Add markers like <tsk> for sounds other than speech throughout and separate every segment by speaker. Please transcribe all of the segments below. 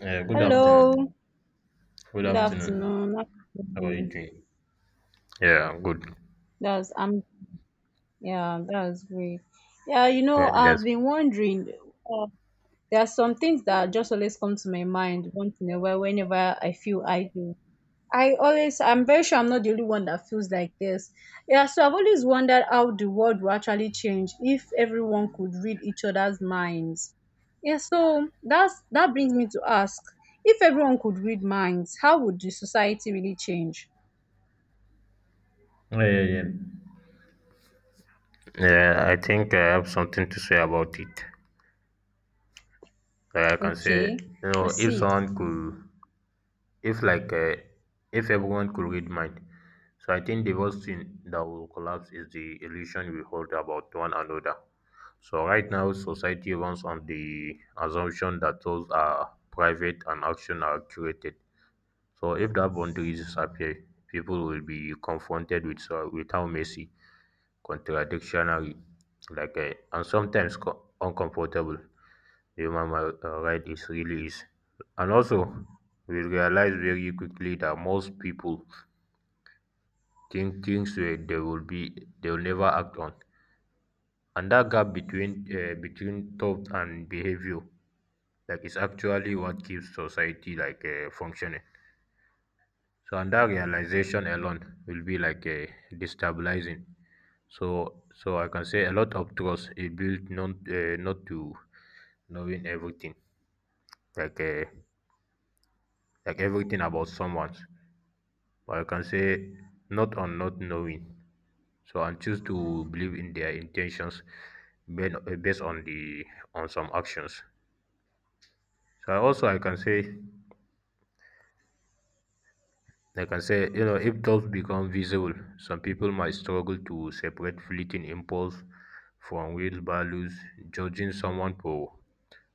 Speaker 1: Yeah, good
Speaker 2: Hello,
Speaker 1: afternoon. Good
Speaker 2: good
Speaker 1: afternoon.
Speaker 2: afternoon. How you
Speaker 1: How are you
Speaker 2: doing?
Speaker 1: doing? Yeah, I'm good.
Speaker 2: That's I'm Yeah, that's great. Yeah,
Speaker 1: Yeah,
Speaker 2: I've
Speaker 1: yes.
Speaker 2: been wondering. Uh, there are some things that just always come to my mind once in a while whenever I feel idle. I'm very sure I'm not the only one that feels like this. Yeah, so I've always wondered how the world will actually change if everyone could read each other's minds. Yeah, so that brings me to ask, if everyone could read minds, how would the society really change?
Speaker 1: Yeah, yeah, yeah. Yeah, I think I have something to say about it. Like I can say,
Speaker 2: Okay,
Speaker 1: you know, if
Speaker 2: proceed.
Speaker 1: someone could, if like, if everyone could read mind. So I think the worst thing that will collapse is the illusion we hold about one another. So right now, society runs on the assumption that thoughts are private and action are curated. So if that boundaries appear, people will be confronted with so with how messy, contradictory, and sometimes uncomfortable the right is really is. And also, we realize very quickly that most people think things where they will never act on, and that gap between between thought and behavior, like, is actually what keeps society functioning. So, and that realization alone will be like a destabilizing. So I can say a lot of trust is built not to knowing everything, like uh, like everything about someone. But I can say not on not knowing. So, and choose to believe in their intentions based on the on some actions. So, I can say like I said, you know, if thoughts become visible, some people might struggle to separate fleeting impulse from real values. Judging someone for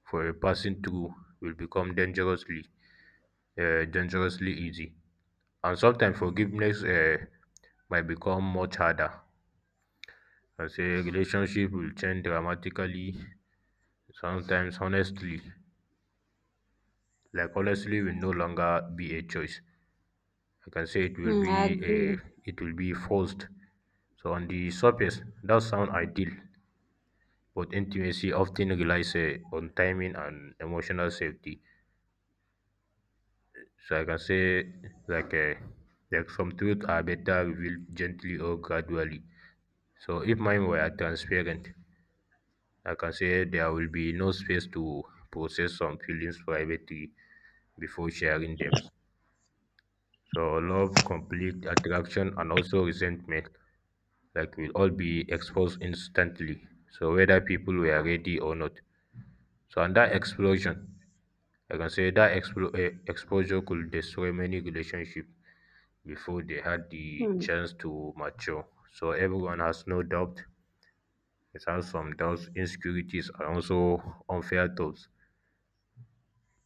Speaker 1: for a passing through will become dangerously easy, and sometimes forgiveness might become much harder. I say relationship will change dramatically. Sometimes, honestly, like honestly, will no longer be a choice. I can say it will
Speaker 2: Hmm, I
Speaker 1: be a
Speaker 2: agree.
Speaker 1: It will be forced. So on the surface, that sounds ideal, but intimacy often relies on timing and emotional safety. So I can say like eh, like some truths are better revealed gently or gradually. So if mine were transparent, I can say there will be no space to process some feelings privately before sharing them. So love, conflict, attraction, and also resentment like we'll all be exposed instantly. So whether people were ready or not. So and that explosion, I can say that exposure could destroy many relationships before they had the
Speaker 2: Hmm,
Speaker 1: chance to mature. So everyone has no doubt. It has some doubts, insecurities, and also unfair thoughts.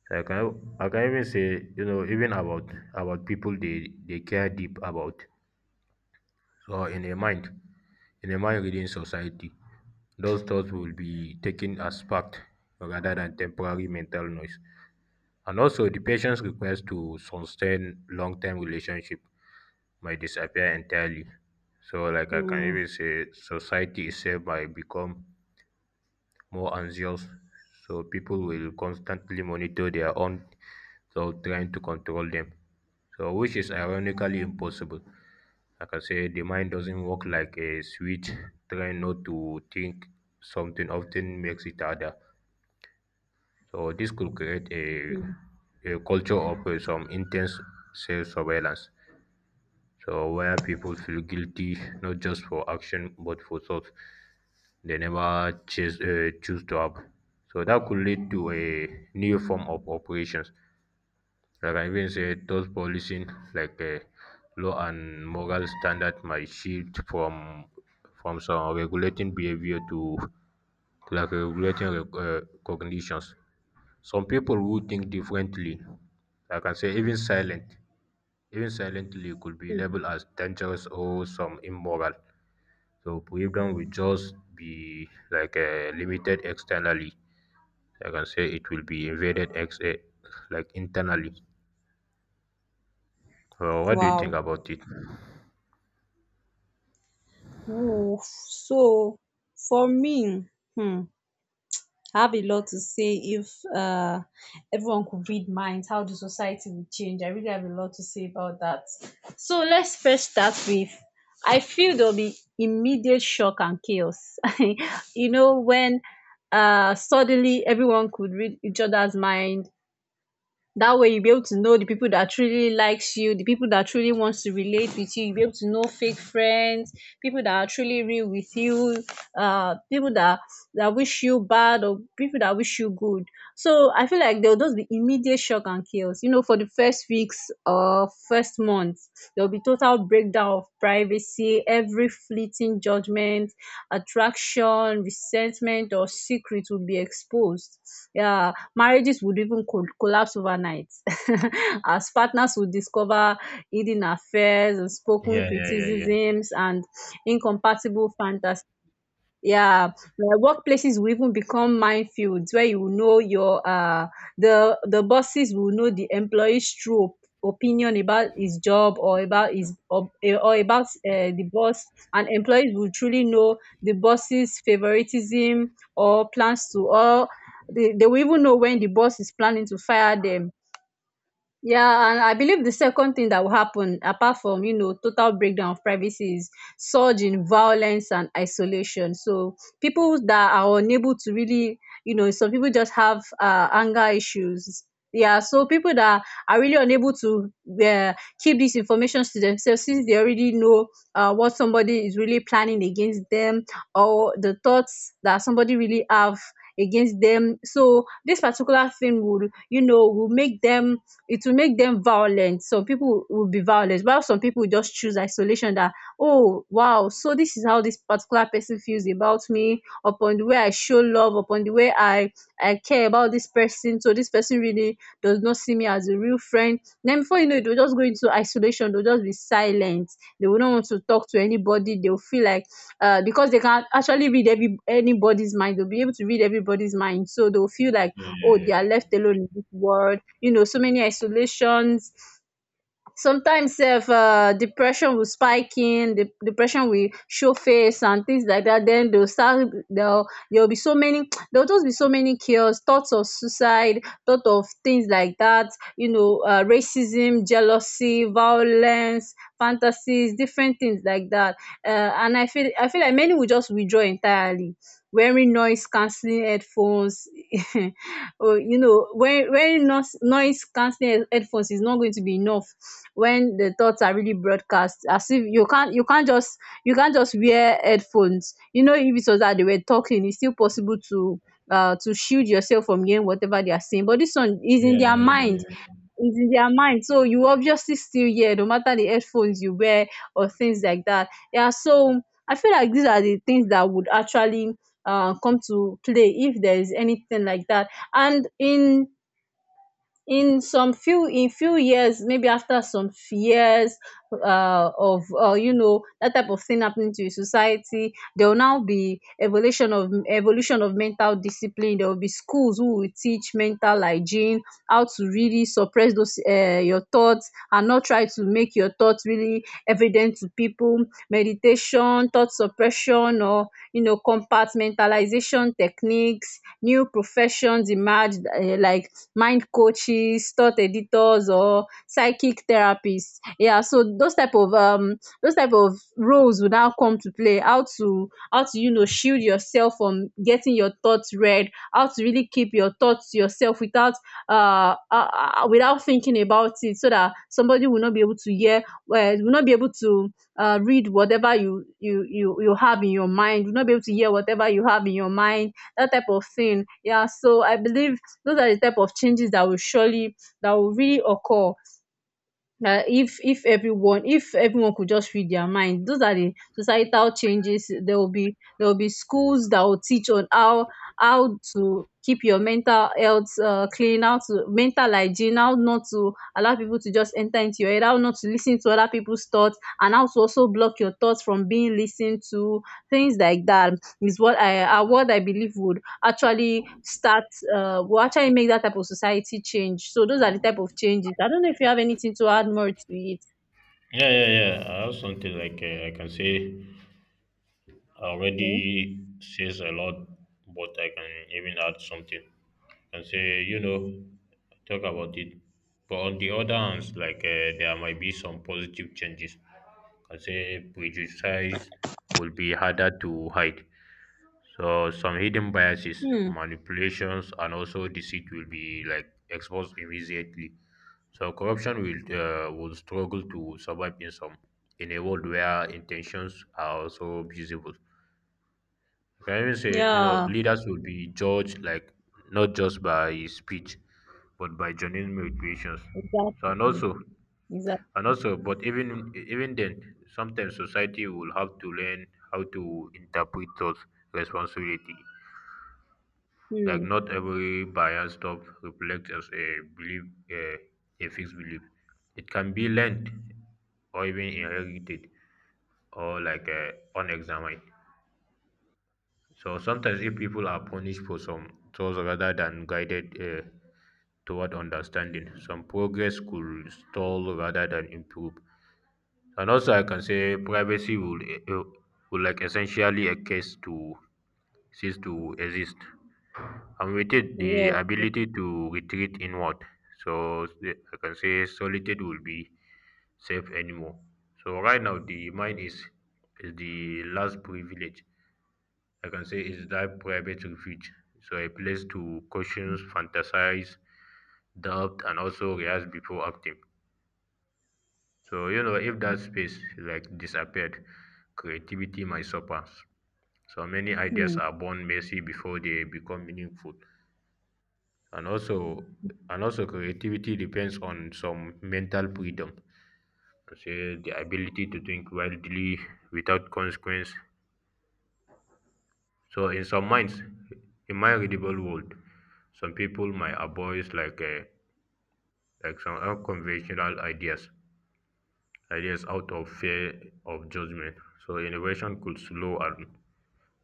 Speaker 1: I can even say, you know, even about people they care deep about, or in a mind reading society, those thoughts will be taken as fact rather than temporary mental noise. And also, the patient's request to sustain long term relationship might disappear entirely. So, like I can
Speaker 2: hmm,
Speaker 1: even say, society itself might become more anxious. So people will constantly monitor their own thoughts, trying to control them. So which is ironically impossible. Like I say, the mind doesn't work like a switch. Trying not to think something often makes it harder. So this could create
Speaker 2: hmm.
Speaker 1: a culture of some intense self-surveillance. So where people feel guilty not just for action but for thoughts they never choose to have. So that could lead to a new form of operations. Like I even said, those policing like uh, law and moral standard might shift from some regulating behavior to like regulating cognitions. Some people who think differently, like I can say, even silently, it could be labeled as dangerous or some immoral. So freedom will just be limited externally. I can say it will be invaded like internally. So what do you think
Speaker 2: Wow.
Speaker 1: about it?
Speaker 2: Ooh, so for me, hmm, I have a lot to say if uh, everyone could read minds, how the society would change. I really have a lot to say about that. So let's first start with, I feel there'll be immediate shock and chaos. <laughs> When suddenly everyone could read each other's mind, that way you'll be able to know the people that truly likes you, the people that truly wants to relate with you. You'll be able to know fake friends, people that are truly real with you, people that wish you bad or people that wish you good. So I feel like there'll just be immediate shock and chaos, for the first weeks or first month. There'll be total breakdown of privacy, every fleeting judgment, attraction, resentment, or secret would be exposed. Yeah, marriages would even collapse overnight <laughs> as partners would discover hidden affairs, unspoken
Speaker 1: Yeah, yeah, yeah, yeah,
Speaker 2: criticisms, and incompatible fantasies. Yeah, like workplaces will even become minefields where your the bosses will know the employee's true opinion about his job or about his, or about the boss, and employees will truly know the boss's favoritism or plans to, or they, will even know when the boss is planning to fire them. Yeah, and I believe the second thing that will happen, apart from total breakdown of privacy, is surge in violence and isolation. So people that are unable to really, some people just have anger issues. Yeah, so people that are really unable to uh, keep this information to themselves, since they already know what somebody is really planning against them or the thoughts that somebody really have against them. So this particular thing will make them it will make them violent. Some people will be violent, while some people will just choose isolation. That, oh, wow, so this is how this particular person feels about me, upon the way I show love, upon the way I care about this person. So this person really does not see me as a real friend. Then before you know it, they'll just go into isolation, they'll just be silent. They will not want to talk to anybody. They'll feel like because they can actually read every anybody's mind, they'll be able to read everybody's mind. So they'll feel like,
Speaker 1: yeah,
Speaker 2: oh,
Speaker 1: yeah,
Speaker 2: they are
Speaker 1: yeah,
Speaker 2: left alone in this world. So many isolations, sometimes self, depression will spike in the depression, will show face, and things like that. Then they'll start they'll there'll be so many <tsk> there'll just be so many chaos, thoughts of suicide, thought of things like that, racism, jealousy, violence, fantasies, different things like that. And I feel like many will just withdraw entirely, wearing noise cancelling headphones. <laughs> Oh, when noise cancelling headphones is not going to be enough, when the thoughts are really broadcast. As if you can't just wear headphones. If it was that they were talking, it's still possible to shield yourself from hearing whatever they are saying. But this one is
Speaker 1: yeah,
Speaker 2: in their
Speaker 1: yeah, yeah, yeah,
Speaker 2: mind,
Speaker 1: yeah.
Speaker 2: so you obviously still hear no matter the headphones you wear, or things like that. Yeah, so I feel like these are the things that would actually come to play if there is anything like that. And in few years, maybe after some years of you know that type of thing happening to your society, there will now be evolution of mental discipline. There will be schools who will teach mental hygiene, how to really suppress those your thoughts and not try to make your thoughts really evident to people. Meditation, thought suppression, or compartmentalization techniques. New professions emerged, like mind coaches, thought editors, or psychic therapists. Yeah, so those type of roles would now come to play. How to, shield yourself from getting your thoughts read, how to really keep your thoughts to yourself without without thinking about it, so that somebody will not be able to hear, well, will not be able to read whatever you have in your mind, will not be able to hear whatever you have in your mind, that type of thing. Yeah, so I believe those are the type of changes that will surely, that will really occur na, if, if everyone could just read their mind. Those are the societal changes. There will be schools that will teach on how to keep your mental health clean, how to, mental hygiene, how not to allow people to just enter into your head, how not to listen to other people's thoughts, and how to also block your thoughts from being listened to, things like that, is what I, what I believe would actually start, will actually make that type of society change. So those are the type of changes. I don't know if you have anything to add more to it.
Speaker 1: Yeah, yeah. I have something I can say.
Speaker 2: Okay.
Speaker 1: Already says a lot, but I can even add something and say, you know, talk about it. But on the other hand, there might be some positive changes. I say prejudice will be harder to hide. So some hidden biases,
Speaker 2: Hmm.
Speaker 1: manipulations, and also deceit will be like exposed immediately. So corruption will struggle to survive in some in a world where intentions are also visible. I can even say, you know,
Speaker 2: Yeah.
Speaker 1: leaders will be judged like not just by speech but by genuine motivations. so and
Speaker 2: Exactly.
Speaker 1: also
Speaker 2: Exactly.
Speaker 1: and also but even even then sometimes society will have to learn how to interpret those responsibility, like
Speaker 2: Hmm.
Speaker 1: not every bias stuff reflects as a belief, a, a fixed belief. It can be learned or even inherited or unexamined. So sometimes, if people are punished for some thoughts rather than guided toward understanding, some progress could stall rather than improve. And also, I can say privacy uh, will like essentially a case to cease to exist, and with it, the
Speaker 2: Yeah.
Speaker 1: ability to retreat inward. So the- I can say solitude will be safe anymore. So right now, the mind is the last privilege. I can say is that private refuge. So a place to caution, fantasize, doubt, and also react before acting. So you know, if that space like disappeared, creativity might suffer. So many ideas
Speaker 2: Hmm,
Speaker 1: are born messy before they become meaningful. And also, and also, creativity depends on some mental freedom. Say the ability to think wildly without consequence. So in some minds, in my readable world, some people might avoid like some unconventional ideas, ideas out of fear of judgment. So innovation could slow, and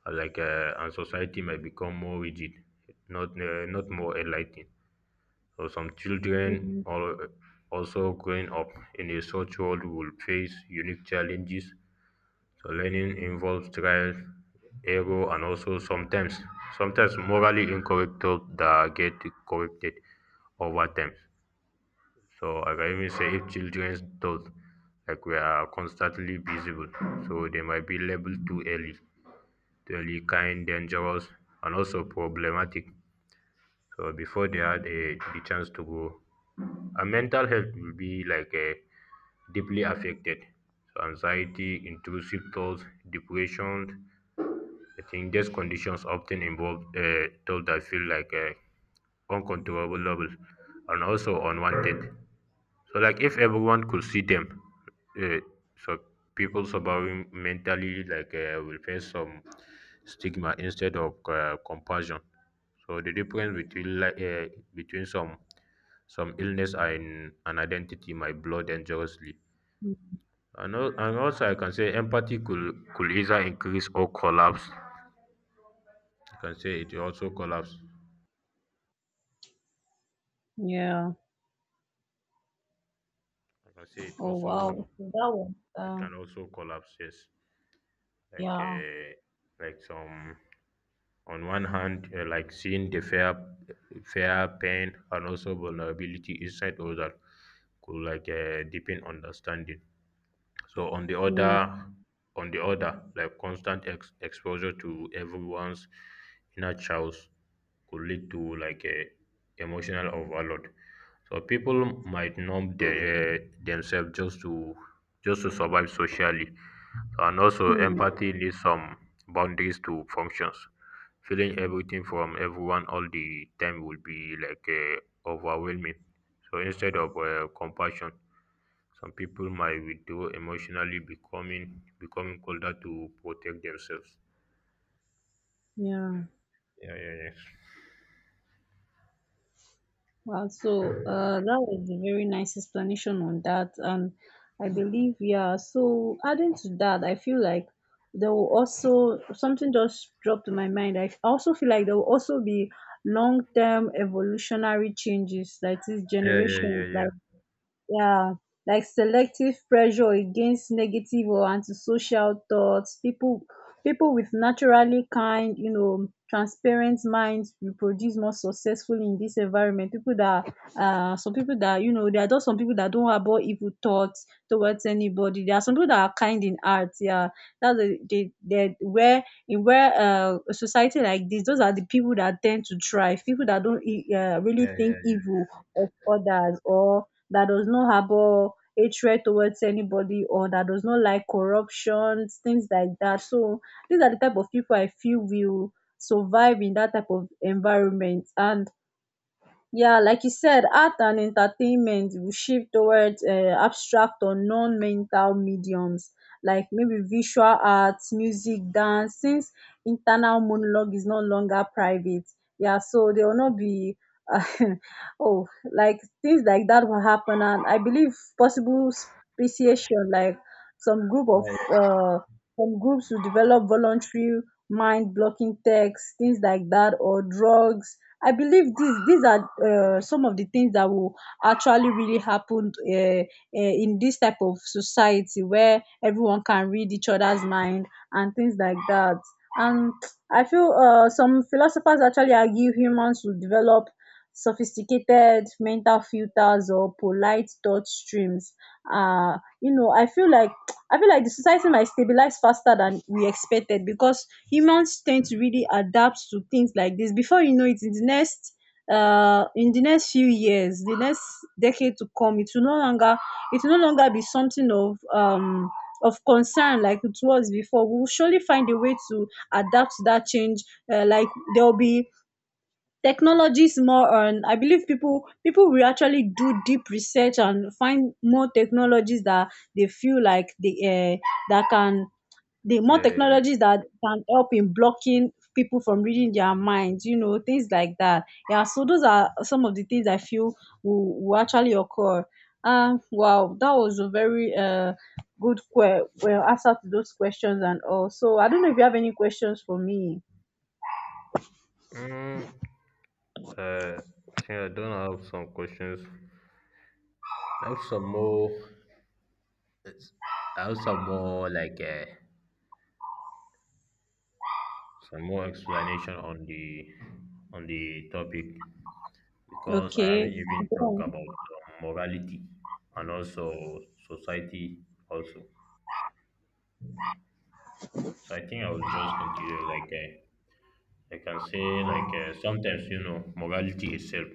Speaker 1: uh, like uh, and society might become more rigid, not more enlightened. So some children
Speaker 2: hmm,
Speaker 1: or also growing up in a such world will face unique challenges. So learning involves trial, error, and also sometimes morally incorrect thoughts that get corrected over time. So like I can even say if children's thoughts like we are constantly visible, so they might be labeled too early, kind, dangerous, and also problematic. So before they had the chance to grow, and mental health will be like a deeply affected. So anxiety, intrusive thoughts, depression. I think these conditions often involve thoughts that feel like uncontrollable levels and also unwanted. So like if everyone could see them, uh, so people suffering mentally will face some stigma instead of compassion. So the difference between between some some illness and an identity might blur dangerously.
Speaker 2: hmm.
Speaker 1: And also, I can say could either increase or collapse. I can say it will also collapse.
Speaker 2: Yeah.
Speaker 1: I can say it
Speaker 2: Oh wow.
Speaker 1: also
Speaker 2: Okay, that one.
Speaker 1: it can also collapse. Yes, like
Speaker 2: Yeah.
Speaker 1: uh, like some on one hand, like seeing the fair pain and also vulnerability inside other could deepen understanding. So
Speaker 2: Yeah.
Speaker 1: on the other, like constant exposure to everyone's inner child could lead to like a emotional overload. So people might themselves just to survive socially, and also
Speaker 2: Hmm.
Speaker 1: empathy needs some boundaries to functions. Feeling everything from everyone all the time would be overwhelming. So instead of compassion, some people might withdraw emotionally, becoming colder to protect themselves.
Speaker 2: Yeah.
Speaker 1: Yeah, yeah, yeah.
Speaker 2: Wow, so that was a very nice explanation on that, and I believe, yeah. So adding to that, I feel like there will also, something just dropped to my mind. I also feel like there will also be long-term evolutionary changes, like these
Speaker 1: Yeah, yeah, yeah,
Speaker 2: generations,
Speaker 1: yeah.
Speaker 2: like, yeah, like selective pressure against negative or antisocial thoughts. People with naturally kind, transparent minds will produce more successfully in this environment. People that some people that, there are just some people that don't harbor evil thoughts towards anybody. There are some people that are kind in art, yeah. That's the, they, where in where a society like this, those are the people that tend to thrive, people that don't really
Speaker 1: Yeah, yeah,
Speaker 2: think evil of others, or that does not harbor hatred towards anybody, or that does not like corruptions, things like that. So these are the type of people I feel will survive in that type of environment. And yeah, like you said, art and entertainment will shift towards abstract or non-mental mediums, like maybe visual arts, music, dance, since internal monologue is no longer private. Yeah, so there will not be uh, <laughs> oh, like things like that will happen. And I believe possible speciation, like some group of
Speaker 1: yeah.
Speaker 2: uh, some groups will develop voluntary mind blocking texts, things like that, or drugs. I believe these are some of the things that will actually really happen in this type of society where everyone can read each other's mind, and things like that. And I feel some philosophers actually argue humans will develop sophisticated mental filters or polite thought streams. uh you know i feel like I feel like the society might stabilize faster than we expected, because humans tend to really adapt to things like this. Before you know it, in the next, in the next few years, the next decade to come, it will no longer, it will no longer be something of concern like it was before. We will surely find a way to adapt to that change. Like, there will be, technology is more on, I believe people will actually do deep research and find more technologies that they feel like that can the more
Speaker 1: Yeah, yeah, yeah.
Speaker 2: technologies that can help in blocking people from reading their minds, things like that. Yeah, so those are some of the things I feel will actually occur. Wow, that was a very good well, answer to those questions and all. So I don't know if you have any questions for me.
Speaker 1: Mm, uh, yeah, I don't have some questions. I have some more. I have some more some more explanation on the topic, because I
Speaker 2: Okay.
Speaker 1: haven't even
Speaker 2: Go
Speaker 1: talked
Speaker 2: on.
Speaker 1: about morality and also society also. So I think I will just continue like that. I can say sometimes, you know, morality itself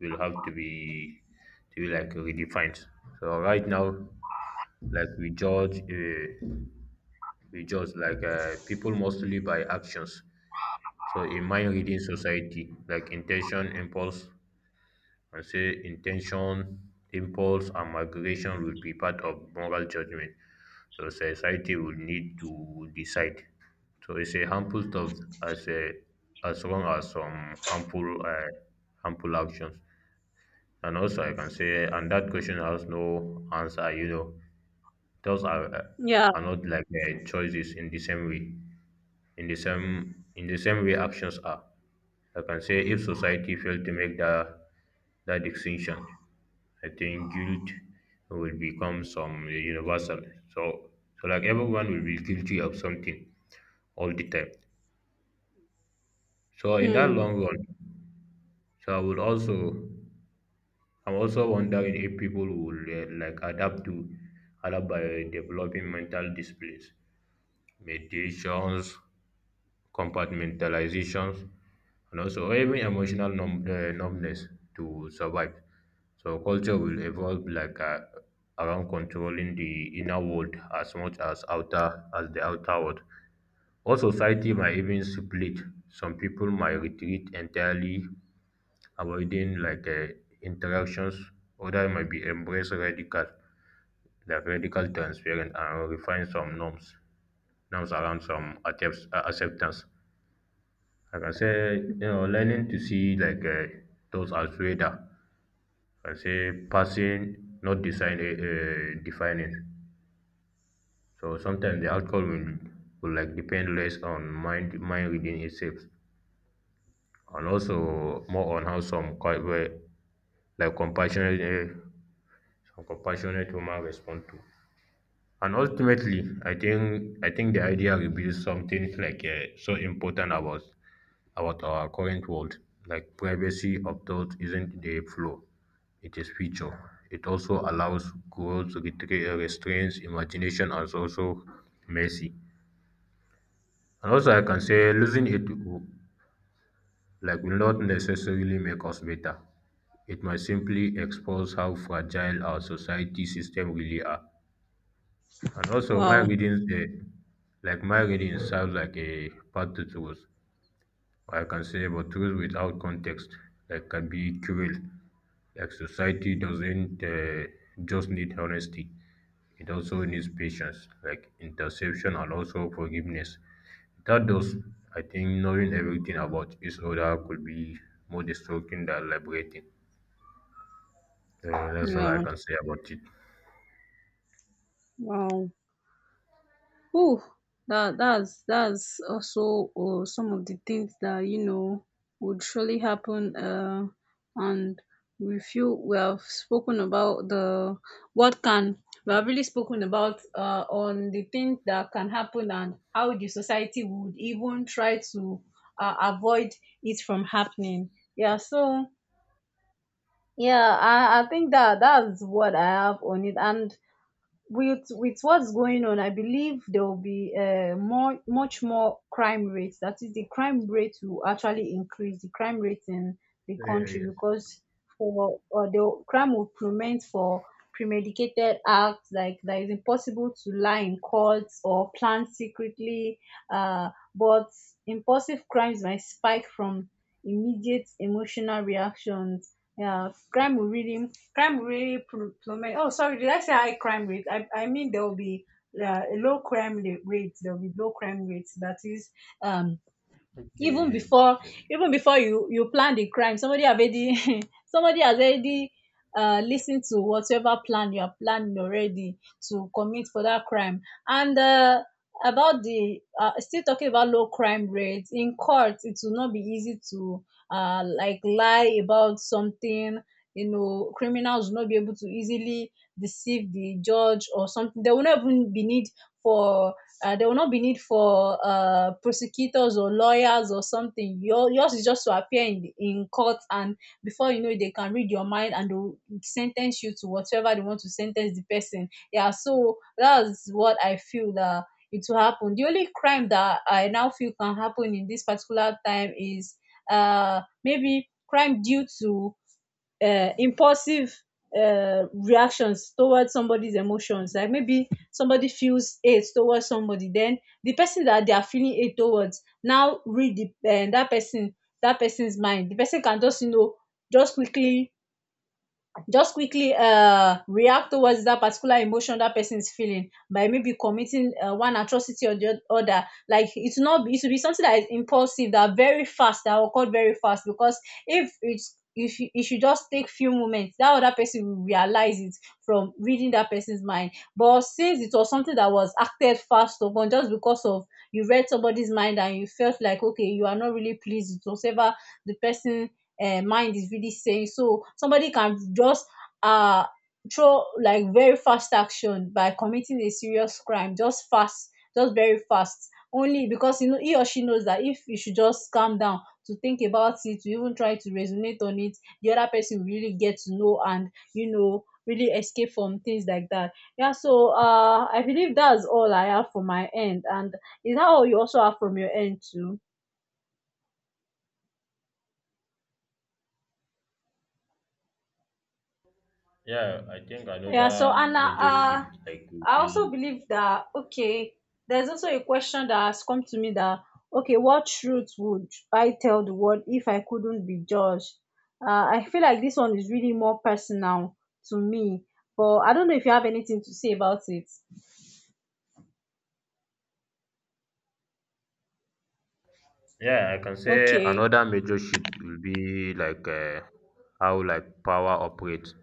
Speaker 1: will have to be like redefined. So right now, like we judge, uh, we judge people mostly by actions. So in my reading society, I say intention, impulse, and migration will be part of moral judgment. So society will need to decide. So it's a harmful stuff as a as long as some harmful actions. And also I can say and that question has no answer. You know, those
Speaker 2: Yeah.
Speaker 1: are not choices in the same way. In the same way actions are. I can say if society failed to make that distinction, I think guilt will become some universal. So, so like everyone will be guilty of something all the time. So in that
Speaker 2: Hmm.
Speaker 1: long run, so I would also I'm also wondering if people will like adapt by developing mental disciplines, meditations, compartmentalizations, and also even emotional numbness to survive. So culture will evolve around controlling the inner world as much as outer as the outer world. Or society might even split. Some people might retreat entirely, avoiding interactions. Others might be embrace radical, like radical transparent and refine some norms, norms around some acceptance. I can say, you know, learning to see those as radar. I can say passing, not defining. So sometimes the outcome will like depend less on mind reading itself, and also more on how some quite well, like compassionate, some compassionate human respond to. And ultimately, I think the idea reveals something so important about our current world. Like privacy of out isn't a flaw, it is feature. It also allows growth, restraints, imagination, and also mercy. And also, I can say like will not necessarily make us better. It might simply expose how fragile our society system really are. And also,
Speaker 2: Wow.
Speaker 1: like my reading, serves like a path to truth. I can say, but truth without context like can be cruel. Like society doesn't just need honesty; it also needs patience, like interception and also forgiveness. Without those, I think knowing everything about each other could be more destructive than liberating. That's all I
Speaker 2: Yeah.
Speaker 1: can say about it.
Speaker 2: Wow. Whew. That that's also some of the things that you know would surely happen. And we feel we have spoken about the what can we have really spoken about on the things that can happen and how the society would even try to avoid it from happening. Yeah. So yeah, I think that's what I have on it, and with what's going on, I believe there will be more much more crime rates. That is, the crime rate will actually increase, the crime rate in the
Speaker 1: Yeah,
Speaker 2: country,
Speaker 1: yes.
Speaker 2: because for or the crime will prement for premedicated acts, like that, is impossible to lie in court or plan secretly. But impulsive crimes might spike from immediate emotional reactions. Yeah, crime will really plummet. Oh sorry, did I say high crime rate? I mean there will be low crime rates. There will be low crime rates. That is, um
Speaker 1: Okay,
Speaker 2: even
Speaker 1: yes,
Speaker 2: before
Speaker 1: yes. Yes.
Speaker 2: you plan the crime, somebody have already <laughs> somebody has already listened to whatever plan you are planning already to commit for that crime. And about the, still talking about low crime rates, in court it will not be easy to like lie about something. Criminals will not be able to easily deceive the judge or something. There will not even be need for prosecutors or lawyers or something. Yours is just to appear in court, and before you know it, they can read your mind and they'll sentence you to whatever they want to sentence the person. Yeah, so that's what I feel, that it will happen. The only crime that I now feel can happen in this particular time is maybe crime due to impulsive reactions towards somebody's emotions. Like maybe somebody feels hate towards somebody, then the person that they are feeling hate towards now read that person that person's mind. The person can just just quickly just quickly react towards that particular emotion that person is feeling by maybe committing one atrocity or the other. Like it's not, it should be something that is impulsive, that very fast, that occurred very fast. Because if you just take few moments, that other person will realize it from reading that person's mind. But since it was something that was acted fast upon, just because of, you read somebody's mind and you felt like okay, you are not really pleased with whatever the person mind is really saying. So somebody can just uh throw like very fast action by committing a serious crime, just fast, just very fast. Only because you know he or she knows that if you should just calm down to think about it, to even try to resonate on it, the other person will really get to know, and really escape from things like that. Yeah, so I believe that's all I have for my end, and is that all you also have from your end too?
Speaker 1: Yeah, I think
Speaker 2: Yeah, so
Speaker 1: another
Speaker 2: Anna,
Speaker 1: major shift like will
Speaker 2: I
Speaker 1: be.
Speaker 2: also believe that okay, there's also a question that has come to me, that okay, what truth would I tell the world if I couldn't be judged? I feel like this one is really more personal to me, but I don't know if you have anything to say about it.
Speaker 1: Yeah, I can say
Speaker 2: Okay.
Speaker 1: another major shift will be how like power operates.